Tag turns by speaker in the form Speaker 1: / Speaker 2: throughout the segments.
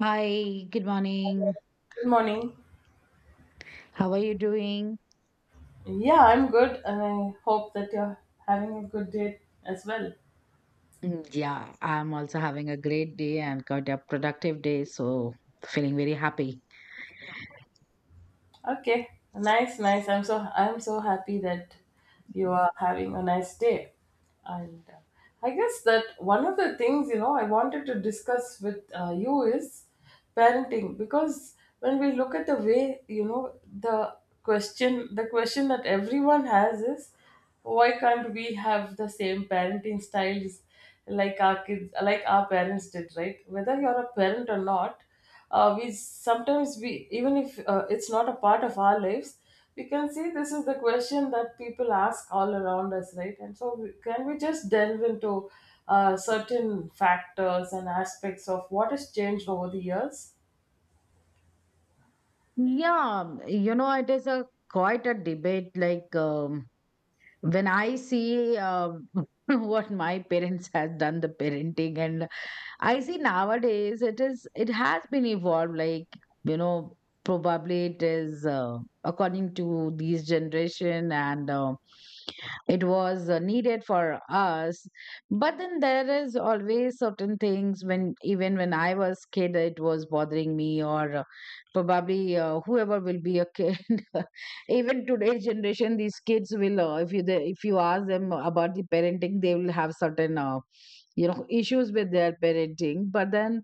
Speaker 1: Hi, good morning.
Speaker 2: Good morning.
Speaker 1: How are you doing?
Speaker 2: Yeah, I'm good, and I hope that you're having a good day as well.
Speaker 1: Mm, yeah, I'm also having a great day and got a productive day, so feeling very happy.
Speaker 2: Okay, nice, nice. I'm so happy that you are having a nice day. And I guess that one of the things, I wanted to discuss with you is parenting, because when we look at the way, the question that everyone has is, why can't we have the same parenting styles like our kids, like our parents did, right? Whether you're a parent or not, we sometimes we even if it's not a part of our lives, we can see this is the question that people ask all around us, right? And so, can we just delve into certain factors and aspects of what has changed over the years?
Speaker 1: It is a quite a debate. When I see what my parents has done the parenting, and I see nowadays it has been evolved, like you know probably it is according to these generation, and it was needed for us. But then there is always certain things when even when I was kid it was bothering me, or probably whoever will be a kid even today's generation, these kids will if if you ask them about the parenting, they will have certain issues with their parenting. But then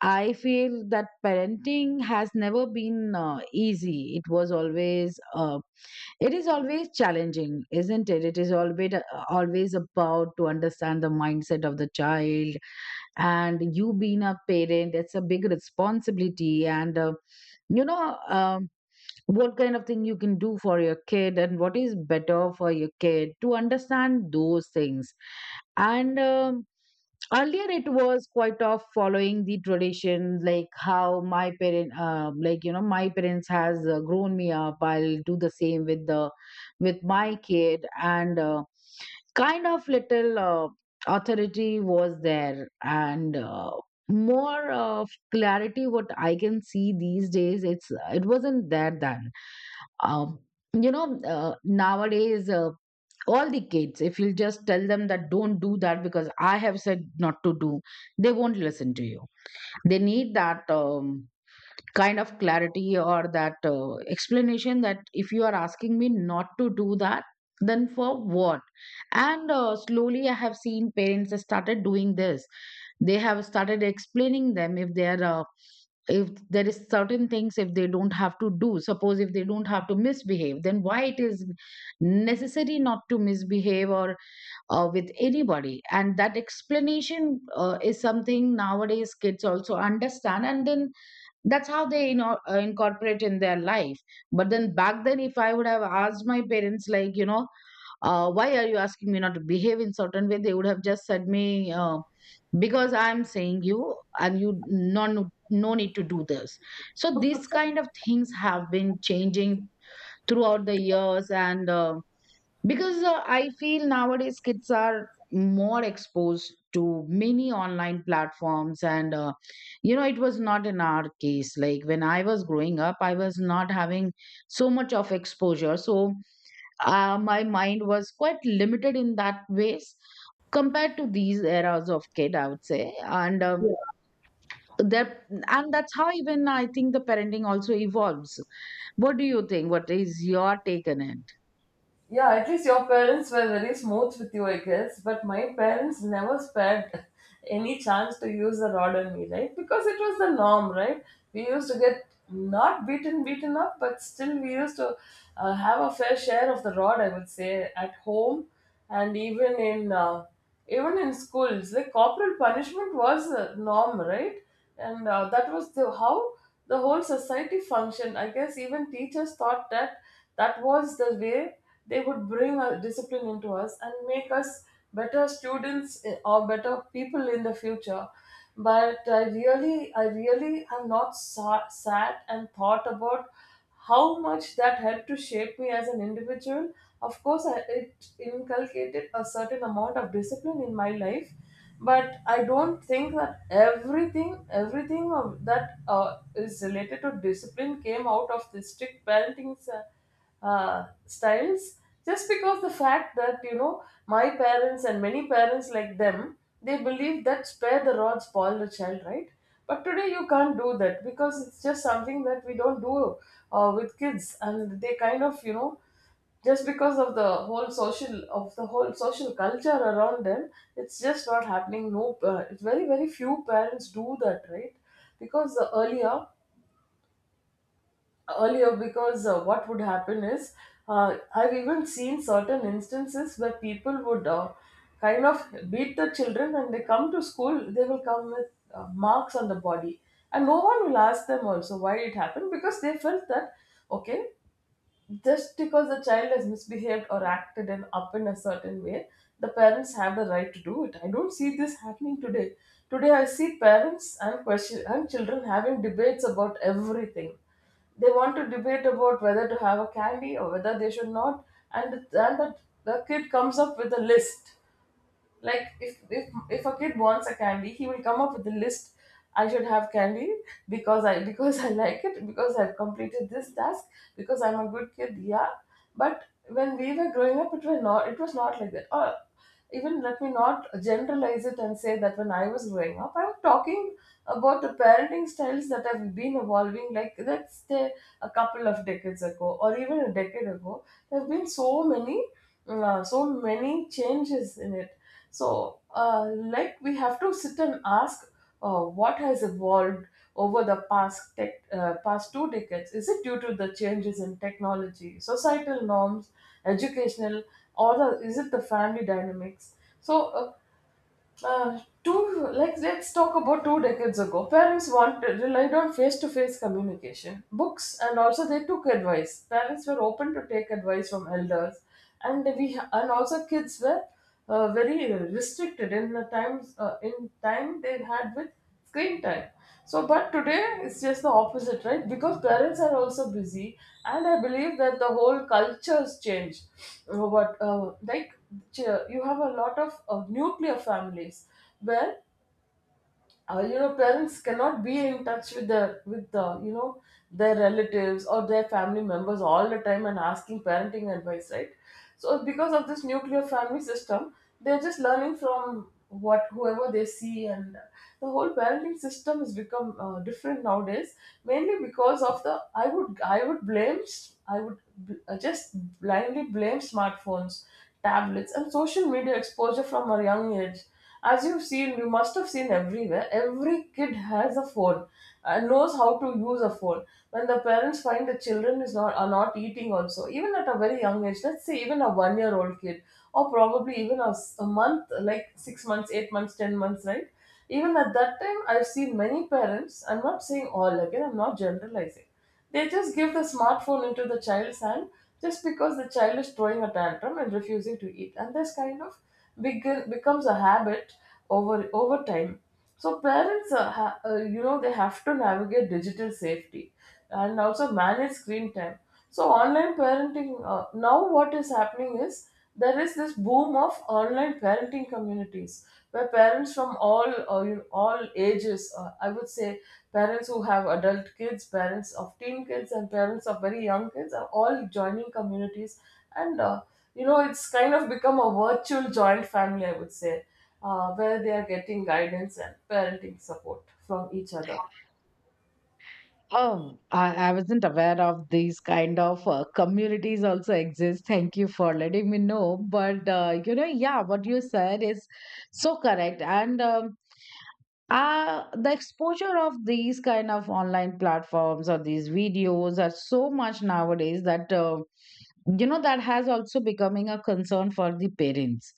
Speaker 1: I feel that parenting has never been easy. It is always challenging, isn't it? It is always always about to understand the mindset of the child, and you being a parent, it's a big responsibility, and you know um, what kind of thing you can do for your kid and what is better for your kid to understand those things. And Earlier it was quite of following the tradition, like how my parent like my parents has grown me up, I'll do the same with the with my kid, and kind of little authority was there. And more of clarity what I can see these days, it's it wasn't there then. um, you know Nowadays all the kids, if you'll just tell them that don't do that because I have said not to do, they won't listen to you. They need that kind of clarity or that explanation that if you are asking me not to do that, then for what? And slowly I have seen parents have started doing this. They have started explaining them, if they are if there is certain things if they don't have to do, suppose if they don't have to misbehave, then why it is necessary not to misbehave, or with anybody, and that explanation is something nowadays kids also understand. And then that's how they incorporate in their life. But then back then, if I would have asked my parents, like why are you asking me not to behave in certain way, they would have just said me because I'm saying you and you, no, no, no need to do this. So these kind of things have been changing throughout the years. And because I feel nowadays kids are more exposed to many online platforms. And it was not in our case. Like when I was growing up, I was not having so much of exposure. So my mind was quite limited in that ways compared to these eras of kid, I would say. And that and that's how even I think the parenting also evolves. What do you think, what is your take on it?
Speaker 2: Yeah, at least your parents were very smooth with you, I guess. But my parents never spared any chance to use the rod on me, right? Because it was the norm, right? We used to get not beaten, beaten up, but still we used to have a fair share of the rod, I would say, at home, and even in schools. Like, corporal punishment was a norm, right? And that was the how the whole society functioned. I guess even teachers thought that that was the way they would bring a discipline into us and make us better students, or better people in the future. But I really have not sat and thought about how much that helped to shape me as an individual. Of course, it inculcated a certain amount of discipline in my life, but I don't think that everything of that is related to discipline came out of the strict parenting styles, just because the fact that you know my parents and many parents like them, they believe that spare the rod spoil the child, right? But today you can't do that, because it's just something that we don't do with kids, and they kind of you know, just because of the whole social culture around them, it's just not happening. No, it's very few parents do that, right? Because earlier, because what would happen is, I've even seen certain instances where people would, kind of beat the children, and they come to school, they will come with marks on the body, and no one will ask them also why it happened, because they felt that, okay, just because the child has misbehaved or acted and up in a certain way, the parents have the right to do it. I don't see this happening today. Today, I see parents and question and children having debates about everything. They want to debate about whether to have a candy or whether they should not, and the kid comes up with a list. Like, if a kid wants a candy, he will come up with a list. I should have candy because I like it, because I've completed this task, because I'm a good kid. Yeah, but when we were growing up, it was not like that. Or even, let me not generalize it and say that when I was growing up, I'm talking about the parenting styles that have been evolving, like let's say a couple of decades ago or even a decade ago. There have been so so many changes in it. So, like we have to sit and ask what has evolved over the past past two decades. Is it due to the changes in technology, societal norms, educational, or is it the family dynamics? So, two, like let's talk about two decades ago. Parents wanted relied on face to face communication, books, and also they took advice. Parents were open to take advice from elders, and we and also kids were very restricted in the times in time they had with screen time. So, but today it's just the opposite, right? Because parents are also busy, and I believe that the whole cultures change. What like, you have a lot of, nuclear families, where you know parents cannot be in touch with their with the you know their relatives or their family members all the time, and asking parenting advice, right? So because of this nuclear family system, they're just learning from what whoever they see, and the whole parenting system has become different nowadays, mainly because of the, I would, I would blame, just blindly blame smartphones, tablets and social media exposure from a young age. As you've seen, you must have seen everywhere every kid has a phone and knows how to use a phone. When the parents find the children is not are not eating also, even at a very young age, let's say even a 1 year old kid, or probably even a month, like 6 months, 8 months, 10 months, right? Even at that time, I've seen many parents, I'm not saying all again, I'm not generalizing. They just give the smartphone into the child's hand, just because the child is throwing a tantrum and refusing to eat. And this kind of becomes a habit over, over time. So parents, you know, they have to navigate digital safety and also manage screen time. So online parenting, now what is happening is there is this boom of online parenting communities, where parents from all, you know, all ages, I would say, parents who have adult kids, parents of teen kids, and parents of very young kids are all joining communities, and. You know, it's kind of become a virtual joint family, I would say, where they are getting guidance and parenting support from each other.
Speaker 1: Oh, I wasn't aware of these kind of communities also exist. Thank you for letting me know. But yeah, what you said is so correct. And the exposure of these kind of online platforms or these videos are so much nowadays that that has also becoming a concern for the parents.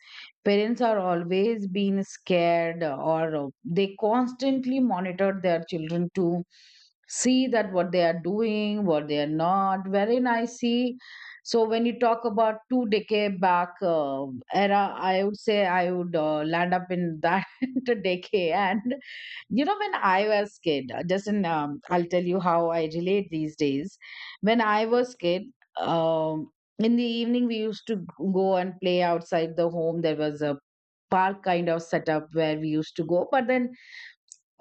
Speaker 1: Parents are always being scared, or they constantly monitor their children to see that what they are doing, what they are not, wherein I see. So when you talk about two decade back era, I would say I would land up in that decade. And when I was kid, I'll tell you how I relate these days. When I was kid, um, in the evening we used to go and play outside the home. There was a park kind of setup where we used to go. But then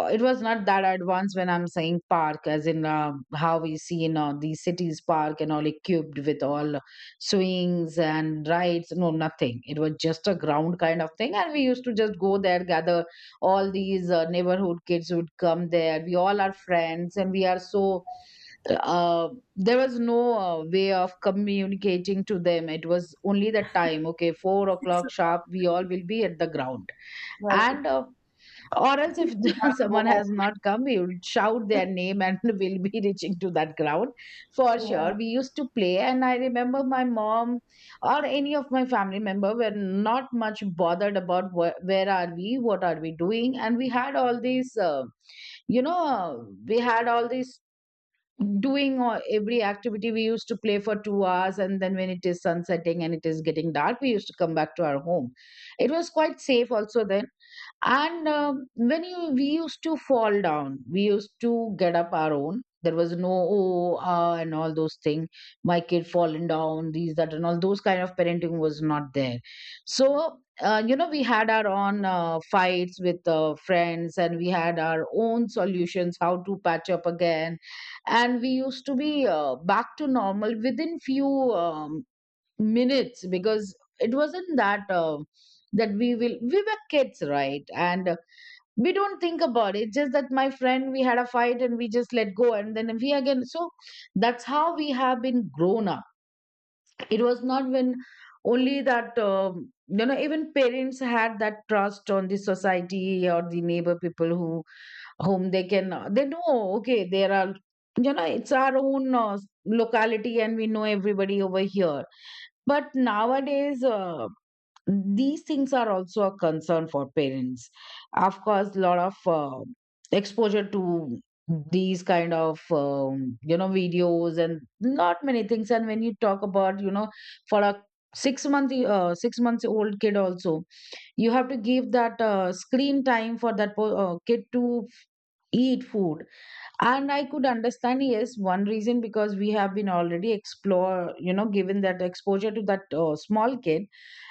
Speaker 1: it was not that advanced when I'm saying park, as in how we see in these cities park and all, equipped with all swings and rides. No, nothing. It was just a ground kind of thing, and we used to just go there, gather. All these neighborhood kids would come there. We all are friends, and we are so. Uh, there was no way of communicating to them. It was only the time. Okay, 4 o'clock sharp. We all will be at the ground.
Speaker 2: Right.
Speaker 1: And or else, if
Speaker 2: You have to go
Speaker 1: someone
Speaker 2: home.
Speaker 1: has not come, we will shout their name and we'll be reaching to that ground for
Speaker 2: Right? Yeah.
Speaker 1: sure. We used to play, and I remember my mom or any of my family member were not much bothered about where are we, what are we doing. And we had all you know, uh, we had all these doing every activity. We used to play for 2 hours, and then when it is sunsetting and it is getting dark, we used to come back to our home. It was quite safe also then. And we used to fall down, we used to get up our own. There was no oh, ah and all those things. My kid fallen down, these that and all those kind of parenting was not there. So we had our own fights with friends, and we had our own solutions how to patch up again, and we used to be back to normal within few um, minutes. Because it wasn't that we were kids, right? And we don't think about it, just that my friend, we had a fight and we just let go, and then we again. So that's how we have been grown up. It was not when only that, even parents had that trust on the society or the neighbor people who whom they can they know, okay, there are, it's our own locality and we know everybody over here. But nowadays these things are also a concern for parents. Of course, a lot of exposure to these kind of videos and not many things. And when you talk about, for a 6 months old kid also, you have to give that screen time for that kid to eat food. And I could understand, yes, one reason, because we have been already explore, given that exposure to that small kid.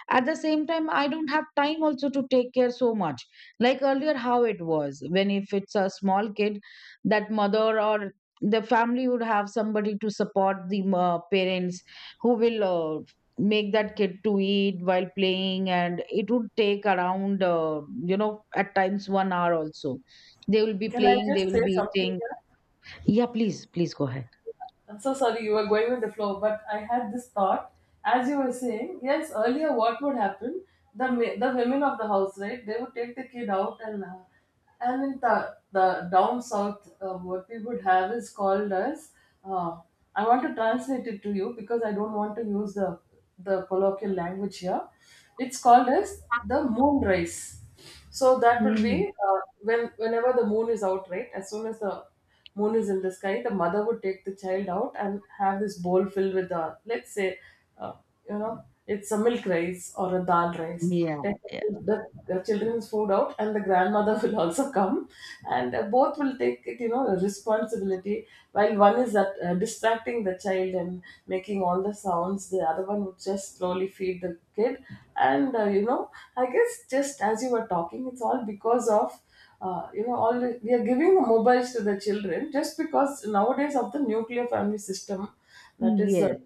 Speaker 1: At the same time, I don't have time also to take care so much. Like earlier, how it was, when if it's a small kid, that mother or the family would have somebody to support the parents, who will make that kid to eat while playing, and it would take around at times 1 hour also. They will be
Speaker 2: Can I
Speaker 1: playing, they
Speaker 2: just say
Speaker 1: will be
Speaker 2: something
Speaker 1: eating.
Speaker 2: here?
Speaker 1: Yeah, please, please go ahead.
Speaker 2: I'm so sorry you were going with the flow, but I had this thought as you were saying. Yes, earlier what would happen? The women of the house, right? They would take the kid out, and in the down south, what we would have is called as. Uh, I want to translate it to you because I don't want to use the colloquial language here. It's called as the moon rice. So that will
Speaker 1: Mm,
Speaker 2: be, when, whenever the moon is out, right? As soon as the moon is in the sky, the mother would take the child out and have this bowl filled with the, let's say, uh, you know, it's a milk rice or a dal rice.
Speaker 1: yeah.
Speaker 2: Take the,
Speaker 1: Yeah.
Speaker 2: the children's food out, and the grandmother will also come, and both will take it. You know, responsibility. While one is at, distracting the child and making all the sounds, the other one would just slowly feed the kid. And you know, I guess, just as you were talking, it's all because of you know, we are giving mobiles to the children just because nowadays of the nuclear family system. That is the
Speaker 1: Yes.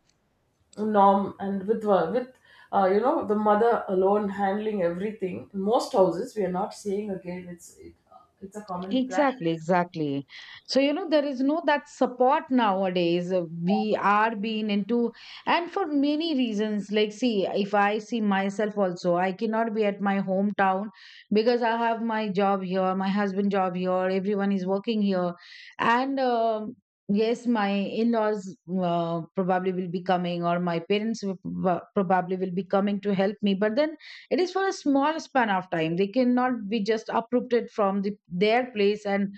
Speaker 2: norm, and with you know, the mother alone handling everything in most houses, we are not seeing. Again it's, it's a common
Speaker 1: Exactly,
Speaker 2: practice.
Speaker 1: exactly. So, you know, there is no that support nowadays. We are being into, and for many reasons. Like, see, if I see myself also, I cannot be at my hometown because I have my job here, my husband job here, everyone is working here. And yes, my in-laws probably will be coming, or my parents will probably will be coming to help me. But then it is for a small span of time. They cannot be just uprooted from their place and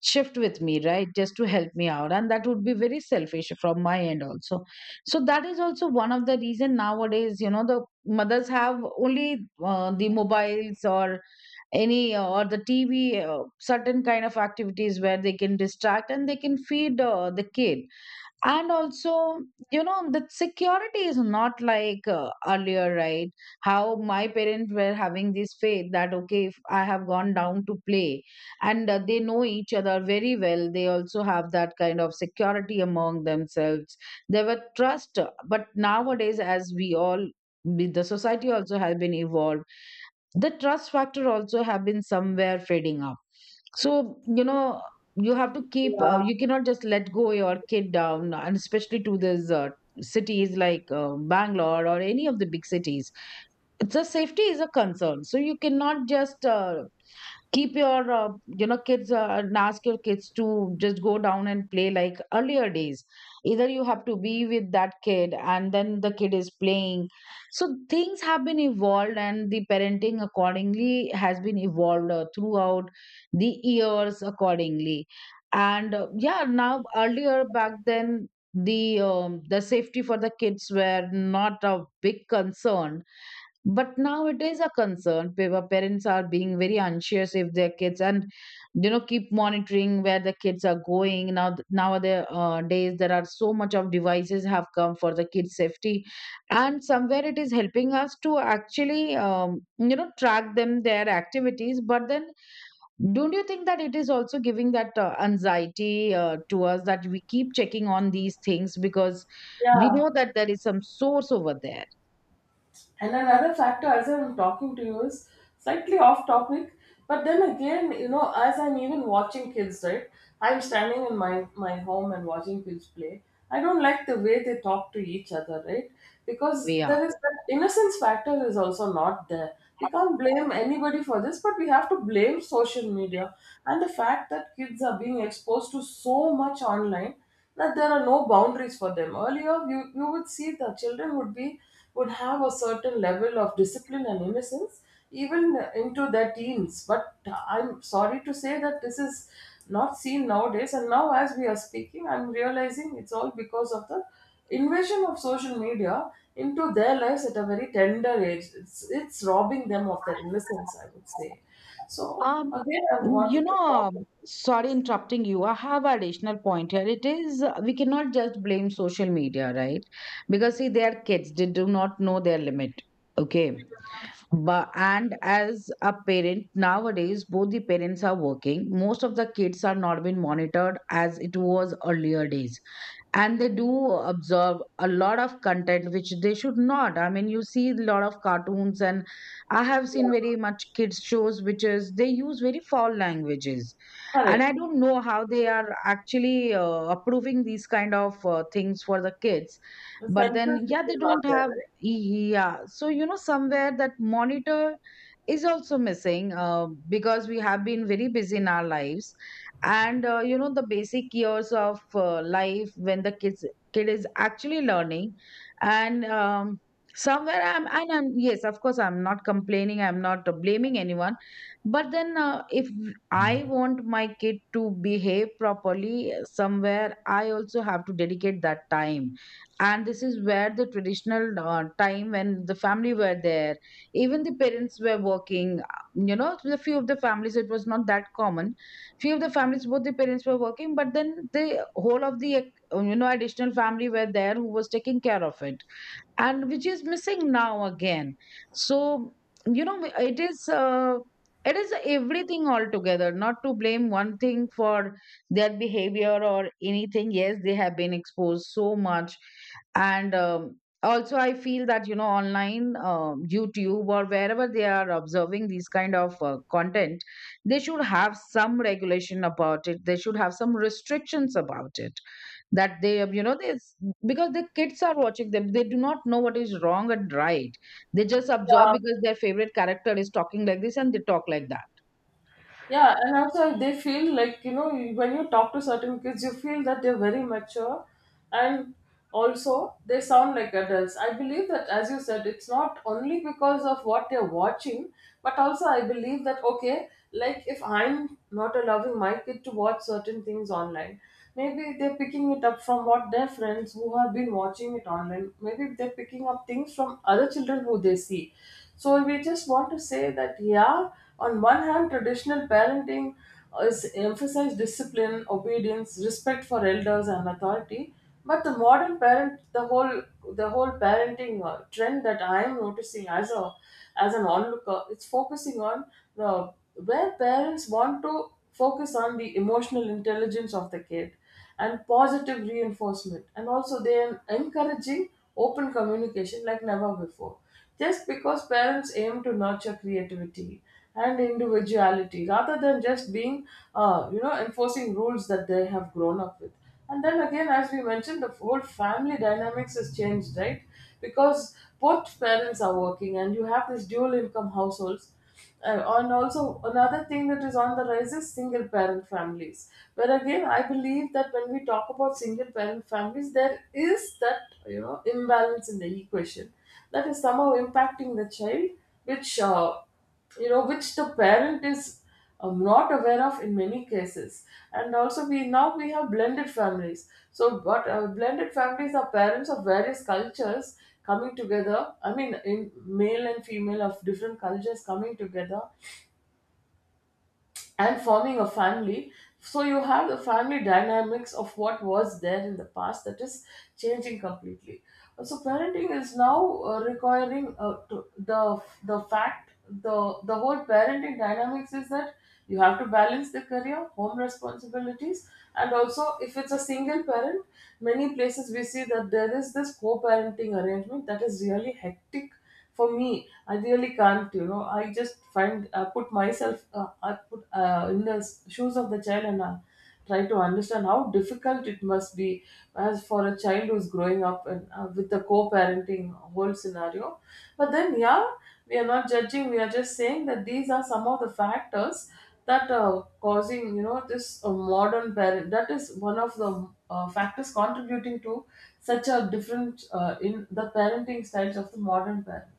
Speaker 1: shift with me, right? Just to help me out. And that would be very selfish from my end also. So that is also one of the reason nowadays, the mothers have only the mobiles or any or the TV, certain kind of activities where they can distract and they can feed the kid and also the security is not like earlier, right? How my parents were having this faith that okay, if I have gone down to play and they know each other very well, they also have that kind of security among themselves, they were trust. But nowadays, as we all, the society also has been evolved, the trust factor also have been somewhere fading up. So you have to keep you cannot just let go your kid down, and especially to these cities like Bangalore or any of the big cities, the safety is a concern. So you cannot just keep your kids and ask your kids to just go down and play like earlier days. Either you have to be with that kid and then the kid is playing. So things have been evolved, and the parenting accordingly has been evolved throughout the years accordingly. And yeah, now earlier, back then, the safety for the kids were not a big concern, but now it is a concern. Parents are being very anxious if their kids, and keep monitoring where the kids are going. Now nowadays days, there are so much of devices have come for the kids' safety, and somewhere it is helping us to actually track them, their activities. But then, don't you think that it is also giving that anxiety to us, that we keep checking on these things because we
Speaker 2: Yeah.
Speaker 1: know that there is some source over there?
Speaker 2: And another factor, as I'm talking to you, is slightly off topic. But then again, you know, as I'm even watching kids, right? I'm standing in my home and watching kids play. I don't like the way they talk to each other, right? Because
Speaker 1: We are.
Speaker 2: there is that innocence factor is also not there. We can't blame anybody for this, but we have to blame social media and the fact that kids are being exposed to so much online that there are no boundaries for them. Earlier, you would see the children would be, would have a certain level of discipline and innocence, even into their teens. But I'm sorry to say that this is not seen nowadays, and now as we are speaking, I'm realizing it's all because of the invasion of social media into their lives at a very tender age. It's robbing them of their innocence, I would say. So
Speaker 1: Um,
Speaker 2: again, I wanted to talk about.
Speaker 1: sorry interrupting you. I have a rational point here. It is, we cannot just blame social media, right? Because see, they are kids, they do not know their limit. Okay. But and as a parent, nowadays both the parents are working. Most of the kids are not being monitored as it was earlier days, and they do absorb a lot of content which they should not. I mean, you see a lot of cartoons, and I have seen very much kids shows which is they use very foul languages. And
Speaker 2: Correct.
Speaker 1: I don't know how they are actually approving these kind of things for the kids.
Speaker 2: The
Speaker 1: But then
Speaker 2: censorship
Speaker 1: yeah, they
Speaker 2: is not
Speaker 1: don't
Speaker 2: there,
Speaker 1: have
Speaker 2: right?
Speaker 1: yeah. So somewhere that monitor is also missing, because we have been very busy in our lives. And the basic years of life, when the kid is actually learning, and somewhere I'm, yes, of course, I'm not complaining, I'm not blaming anyone. But then if I want my kid to behave properly somewhere, I also have to dedicate that time. And this is where the traditional time, when the family were there, even the parents were working. You know, a few of the families, it was not that common. Few of the families, both the parents were working, but then the whole of the, additional family were there who was taking care of it, and which is missing now again. So you know it is uh, it is everything altogether, not to blame one thing for their behavior or anything. Yes, they have been exposed so much. And also I feel that online, YouTube or wherever they are observing these kind of content, they should have some regulation about it, they should have some restrictions about it, that they, they, because the kids are watching them, they do not know what is wrong and right, they just
Speaker 2: Yeah,
Speaker 1: absorb because their favorite character is talking like this and they talk like that.
Speaker 2: yeah, and also they feel like, you know, when you talk to certain kids, you feel that they're very mature, and also they sound like adults. I believe that, as you said, it's not only because of what they're watching, but also I believe that okay, like if I'm not allowing my kid to watch certain things online, maybe they're picking it up from what their friends who have been watching it online. Maybe they're picking up things from other children who they see. So we just want to say that, yeah, on one hand, traditional parenting is emphasize discipline, obedience, respect for elders and authority. But the modern parent, the whole parenting trend that I am noticing as a as an onlooker, it's focusing on the where parents want to focus on the emotional intelligence of the kid and positive reinforcement, and also they are encouraging open communication like never before, just because parents aim to nurture creativity and individuality rather than just being enforcing rules that they have grown up with. And then again, as we mentioned, the whole family dynamics has changed, right? Because both parents are working and you have this dual income households, and also another thing that is on the rise is single parent families. Where again, I believe that when we talk about single parent families, there is that imbalance in the equation that is somehow impacting the child, which which the parent is not aware of in many cases. And also we have blended families, so but blended families are parents of various cultures coming together, I mean in male and female of different cultures coming together and forming a family. So you have the family dynamics of what was there in the past that is changing completely. So parenting is now requiring the fact the whole parenting dynamics is that you have to balance the career, home responsibilities, and also if it's a single parent, many places we see that there is this co-parenting arrangement that is really hectic. For me, I really can't, you know. I just find I put myself, I put in the shoes of the child and try to understand how difficult it must be as for a child who's growing up and with the co-parenting whole scenario. But then, yeah, we are not judging. We are just saying that these are some of the factors that causing this modern parent, that is one of the factors contributing to such a different in the parenting styles of the modern parent.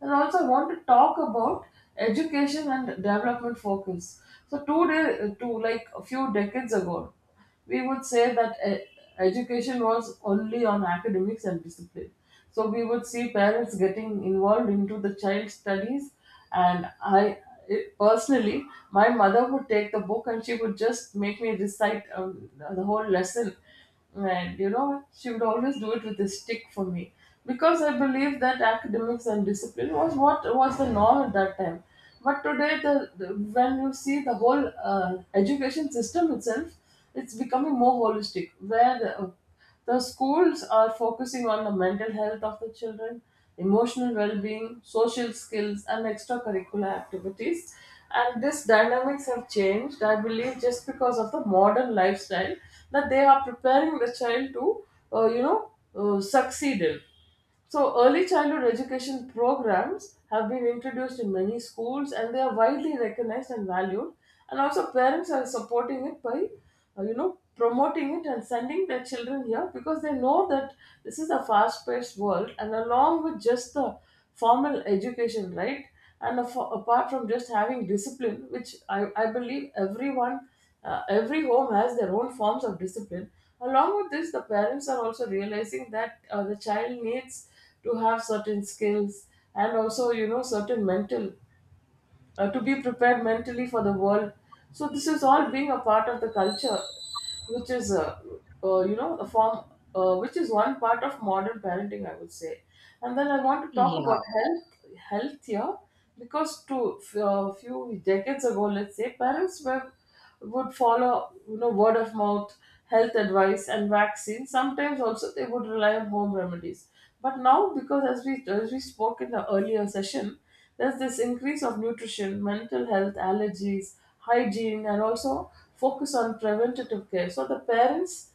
Speaker 2: And also I want to talk about education and development focus. So two day to like a few decades ago, we would say that education was only on academics and discipline. So we would see parents getting involved into the child's studies, and personally, my mother would take the book and she would just make me recite the whole lesson, and you know she would always do it with a stick for me, because I believe that academics and discipline was what was the norm at that time. But today, the when you see the whole education system itself, it's becoming more holistic where the schools are focusing on the mental health of the children, emotional well-being, social skills and extracurricular activities. And this dynamics have changed, I believe, just because of the modern lifestyle, that they are preparing the child to uh, you know succeed in. So, early childhood education programs have been introduced in many schools and they are widely recognized and valued. And also, parents are supporting it by, promoting it and sending their children here because they know that this is a fast paced world. And along with just the formal education, right? And apart from just having discipline, which I believe everyone every home has their own forms of discipline. Along with this, the parents are also realizing that the child needs to have certain skills and also, you know, certain mental, to be prepared mentally for the world. So, this is all being a part of the culture, which is, a form, which is one part of modern parenting, I would say. And then I want to talk
Speaker 1: Yeah,
Speaker 2: about health, health here, because to a few decades ago, let's say, parents were would follow, you know, word of mouth health advice and vaccines. Sometimes also they would rely on home remedies, but now because as we spoke in the earlier session, there's this increase of nutrition, mental health, allergies, hygiene, and also focus on preventative care. So the parents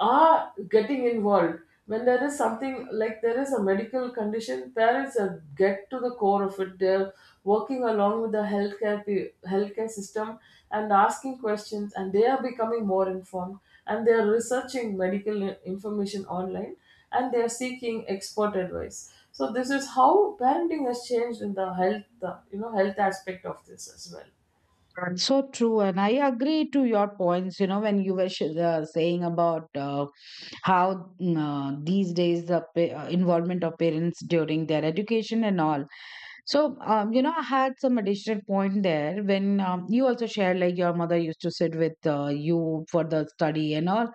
Speaker 2: are getting involved when there is something like there is a medical condition. Parents are get to the core of it. They're working along with the healthcare healthcare system and asking questions, and they are becoming more informed, and they are researching medical information online, and they are seeking expert advice. So this is how parenting has changed in the health, the, you know, health aspect of this as well.
Speaker 1: that's so true. And I agree to your points, you know, when you were sh saying about how, these days the involvement of parents during their education and all. So, you know, I had some additional point there when, you also shared like your mother used to sit with you for the study and all.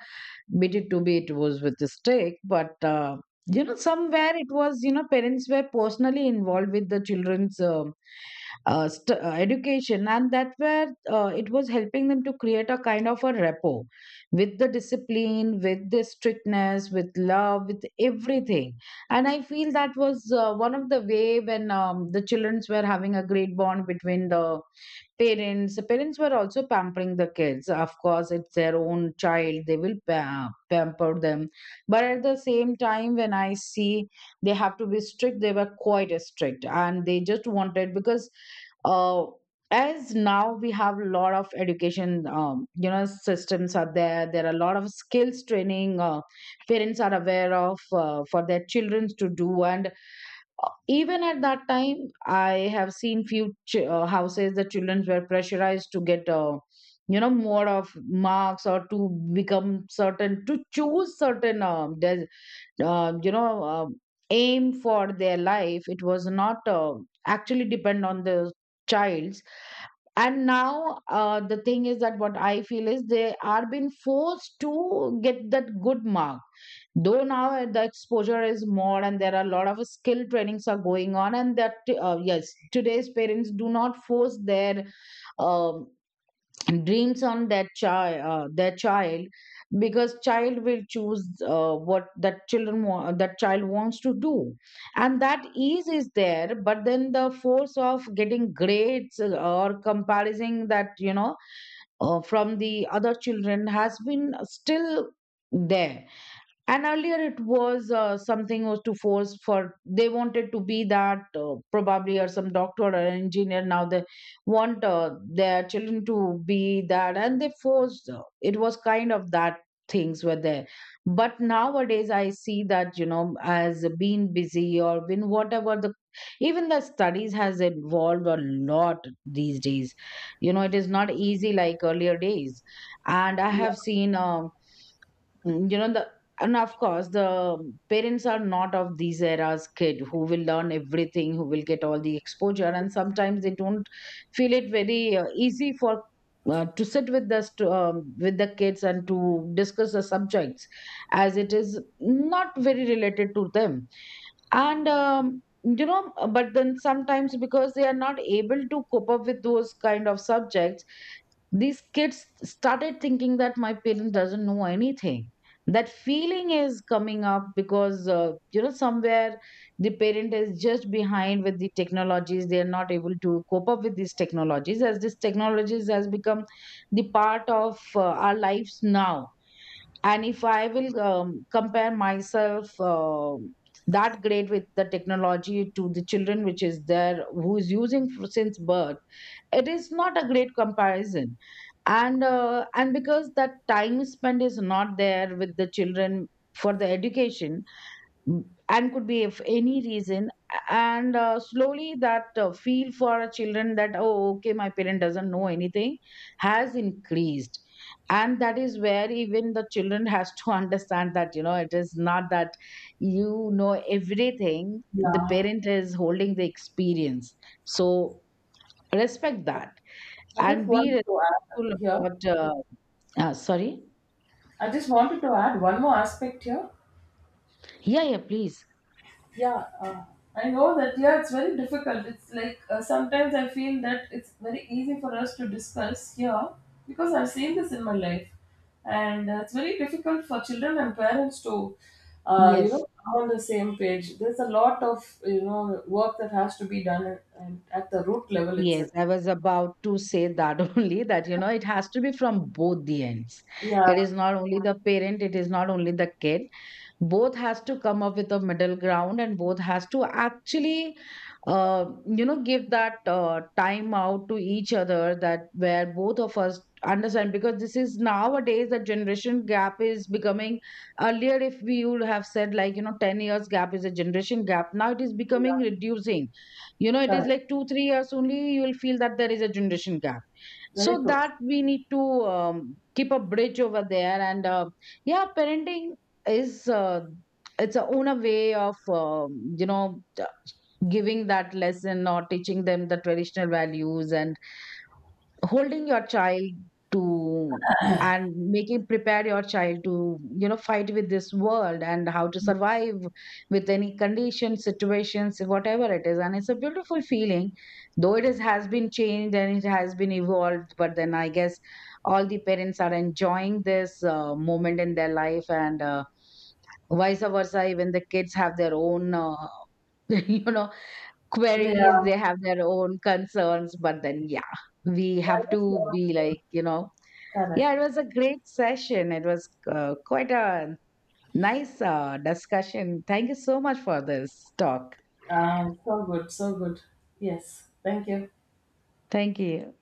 Speaker 1: Bit it to be, it was with a stick, but you know, somewhere it was, you know, parents were personally involved with the children's education, and that where it was helping them to create a kind of a rapport with the discipline, with the strictness, with love, with everything. And I feel that was one of the way when the childrens were having a great bond between the parents. Were also pampering the kids, of course, it's their own child, they will pamper them. But at the same time, when I see, they have to be strict, they were quite strict, and they just wanted because uh, as now we have a lot of education, you know, systems are there, there are a lot of skills training, parents are aware of for their children to do. And even at that time, I have seen few houses, the children were pressurized to get more of marks, or to become certain, to choose certain uh, you know um aim for their life. It was not actually depend on the child's. And now the thing is that what I feel is they are being forced to get that good mark. Though now the exposure is more, and there are a lot of skill trainings are going on, and that, yes, today's parents do not force their um, dreams on that child their child, because child will choose what that that child wants to do. And that ease is there. But then the force of getting grades, or comparing that, you know, from the other children, has been still there. And earlier it was, something was to force for, they wanted to be that, probably, or some doctor or engineer. Now they want their children to be that, and they forced, it was kind of that things were there. But nowadays I see that, you know, as being busy or been whatever the, even the studies has evolved a lot these days. You know, it is not easy like earlier days. And I have seen, you know the, and of course the parents are not of these eras kid who will learn everything, who will get all the exposure. And sometimes they don't feel it very easy for to sit with us, to, with the kids and to discuss the subjects, as it is not very related to them. And you know, but then sometimes, because they are not able to cope up with those kind of subjects, these kids started thinking that my parents doesn't know anything. That feeling is coming up, because you know, somewhere the parent is just behind with the technologies, they are not able to cope up with these technologies, as these technologies has become the part of our lives now. And if I will compare myself, that great with the technology, to the children which is there, who is using since birth, it is not a great comparison. And and because that time spent is not there with the children for the education. mm, and could be if any reason. And slowly that feel for our children that oh okay, my parent doesn't know anything, has increased. And that is where even the children has to understand that, you know, it is not that, you know, everything the
Speaker 2: Yeah,
Speaker 1: parent is holding the experience. So respect that
Speaker 2: I just
Speaker 1: and be
Speaker 2: wanted to add
Speaker 1: respectful
Speaker 2: here.
Speaker 1: about, sorry.
Speaker 2: I just wanted to add one more aspect here.
Speaker 1: Yeah, yeah, please.
Speaker 2: Yeah, I know that, yeah, it's very difficult. It's like, sometimes I feel that it's very easy for us to discuss here because I've seen this in my life, and it's very difficult for children and parents to
Speaker 1: Yes,
Speaker 2: come on the same page. There's a lot of, you know, work that has to be done, and at the root level
Speaker 1: yes,
Speaker 2: itself.
Speaker 1: I was about to say that, only that, you know, it has to be from both the ends.
Speaker 2: Yeah,
Speaker 1: It is not only the parent, it is not only the kid, both has to come up with a middle ground, and both has to actually, you know, give that time out to each other, that where both of us understand, because this is nowadays the generation gap is becoming, earlier if we would have said like, you know, 10 years gap is a generation gap, now it is becoming
Speaker 2: yeah,
Speaker 1: reducing. You know, it is
Speaker 2: correct,
Speaker 1: like 2 3 years only you will feel that there is a generation gap.
Speaker 2: very
Speaker 1: So
Speaker 2: true,
Speaker 1: that we need to keep a bridge over there. And yeah, parenting is, it's a own a way of, you know, giving that lesson or teaching them the traditional values, and holding your child to, and making prepare your child to, you know, fight with this world and how to survive with any condition situations, whatever it is. And it's a beautiful feeling. Though it is, has been changed, and it has been evolved, but then I guess all the parents are enjoying this moment in their life. And vice versa, even the kids have their own you know, queries,
Speaker 2: yeah,
Speaker 1: they have their own concerns. But then yeah, we
Speaker 2: yeah
Speaker 1: have
Speaker 2: I
Speaker 1: to be
Speaker 2: guess,
Speaker 1: like, you know,
Speaker 2: correct,
Speaker 1: yeah, it was a great session. It was quite a nice discussion. Thank you so much for this talk.
Speaker 2: so good, so good. Yes, thank you.
Speaker 1: Thank you.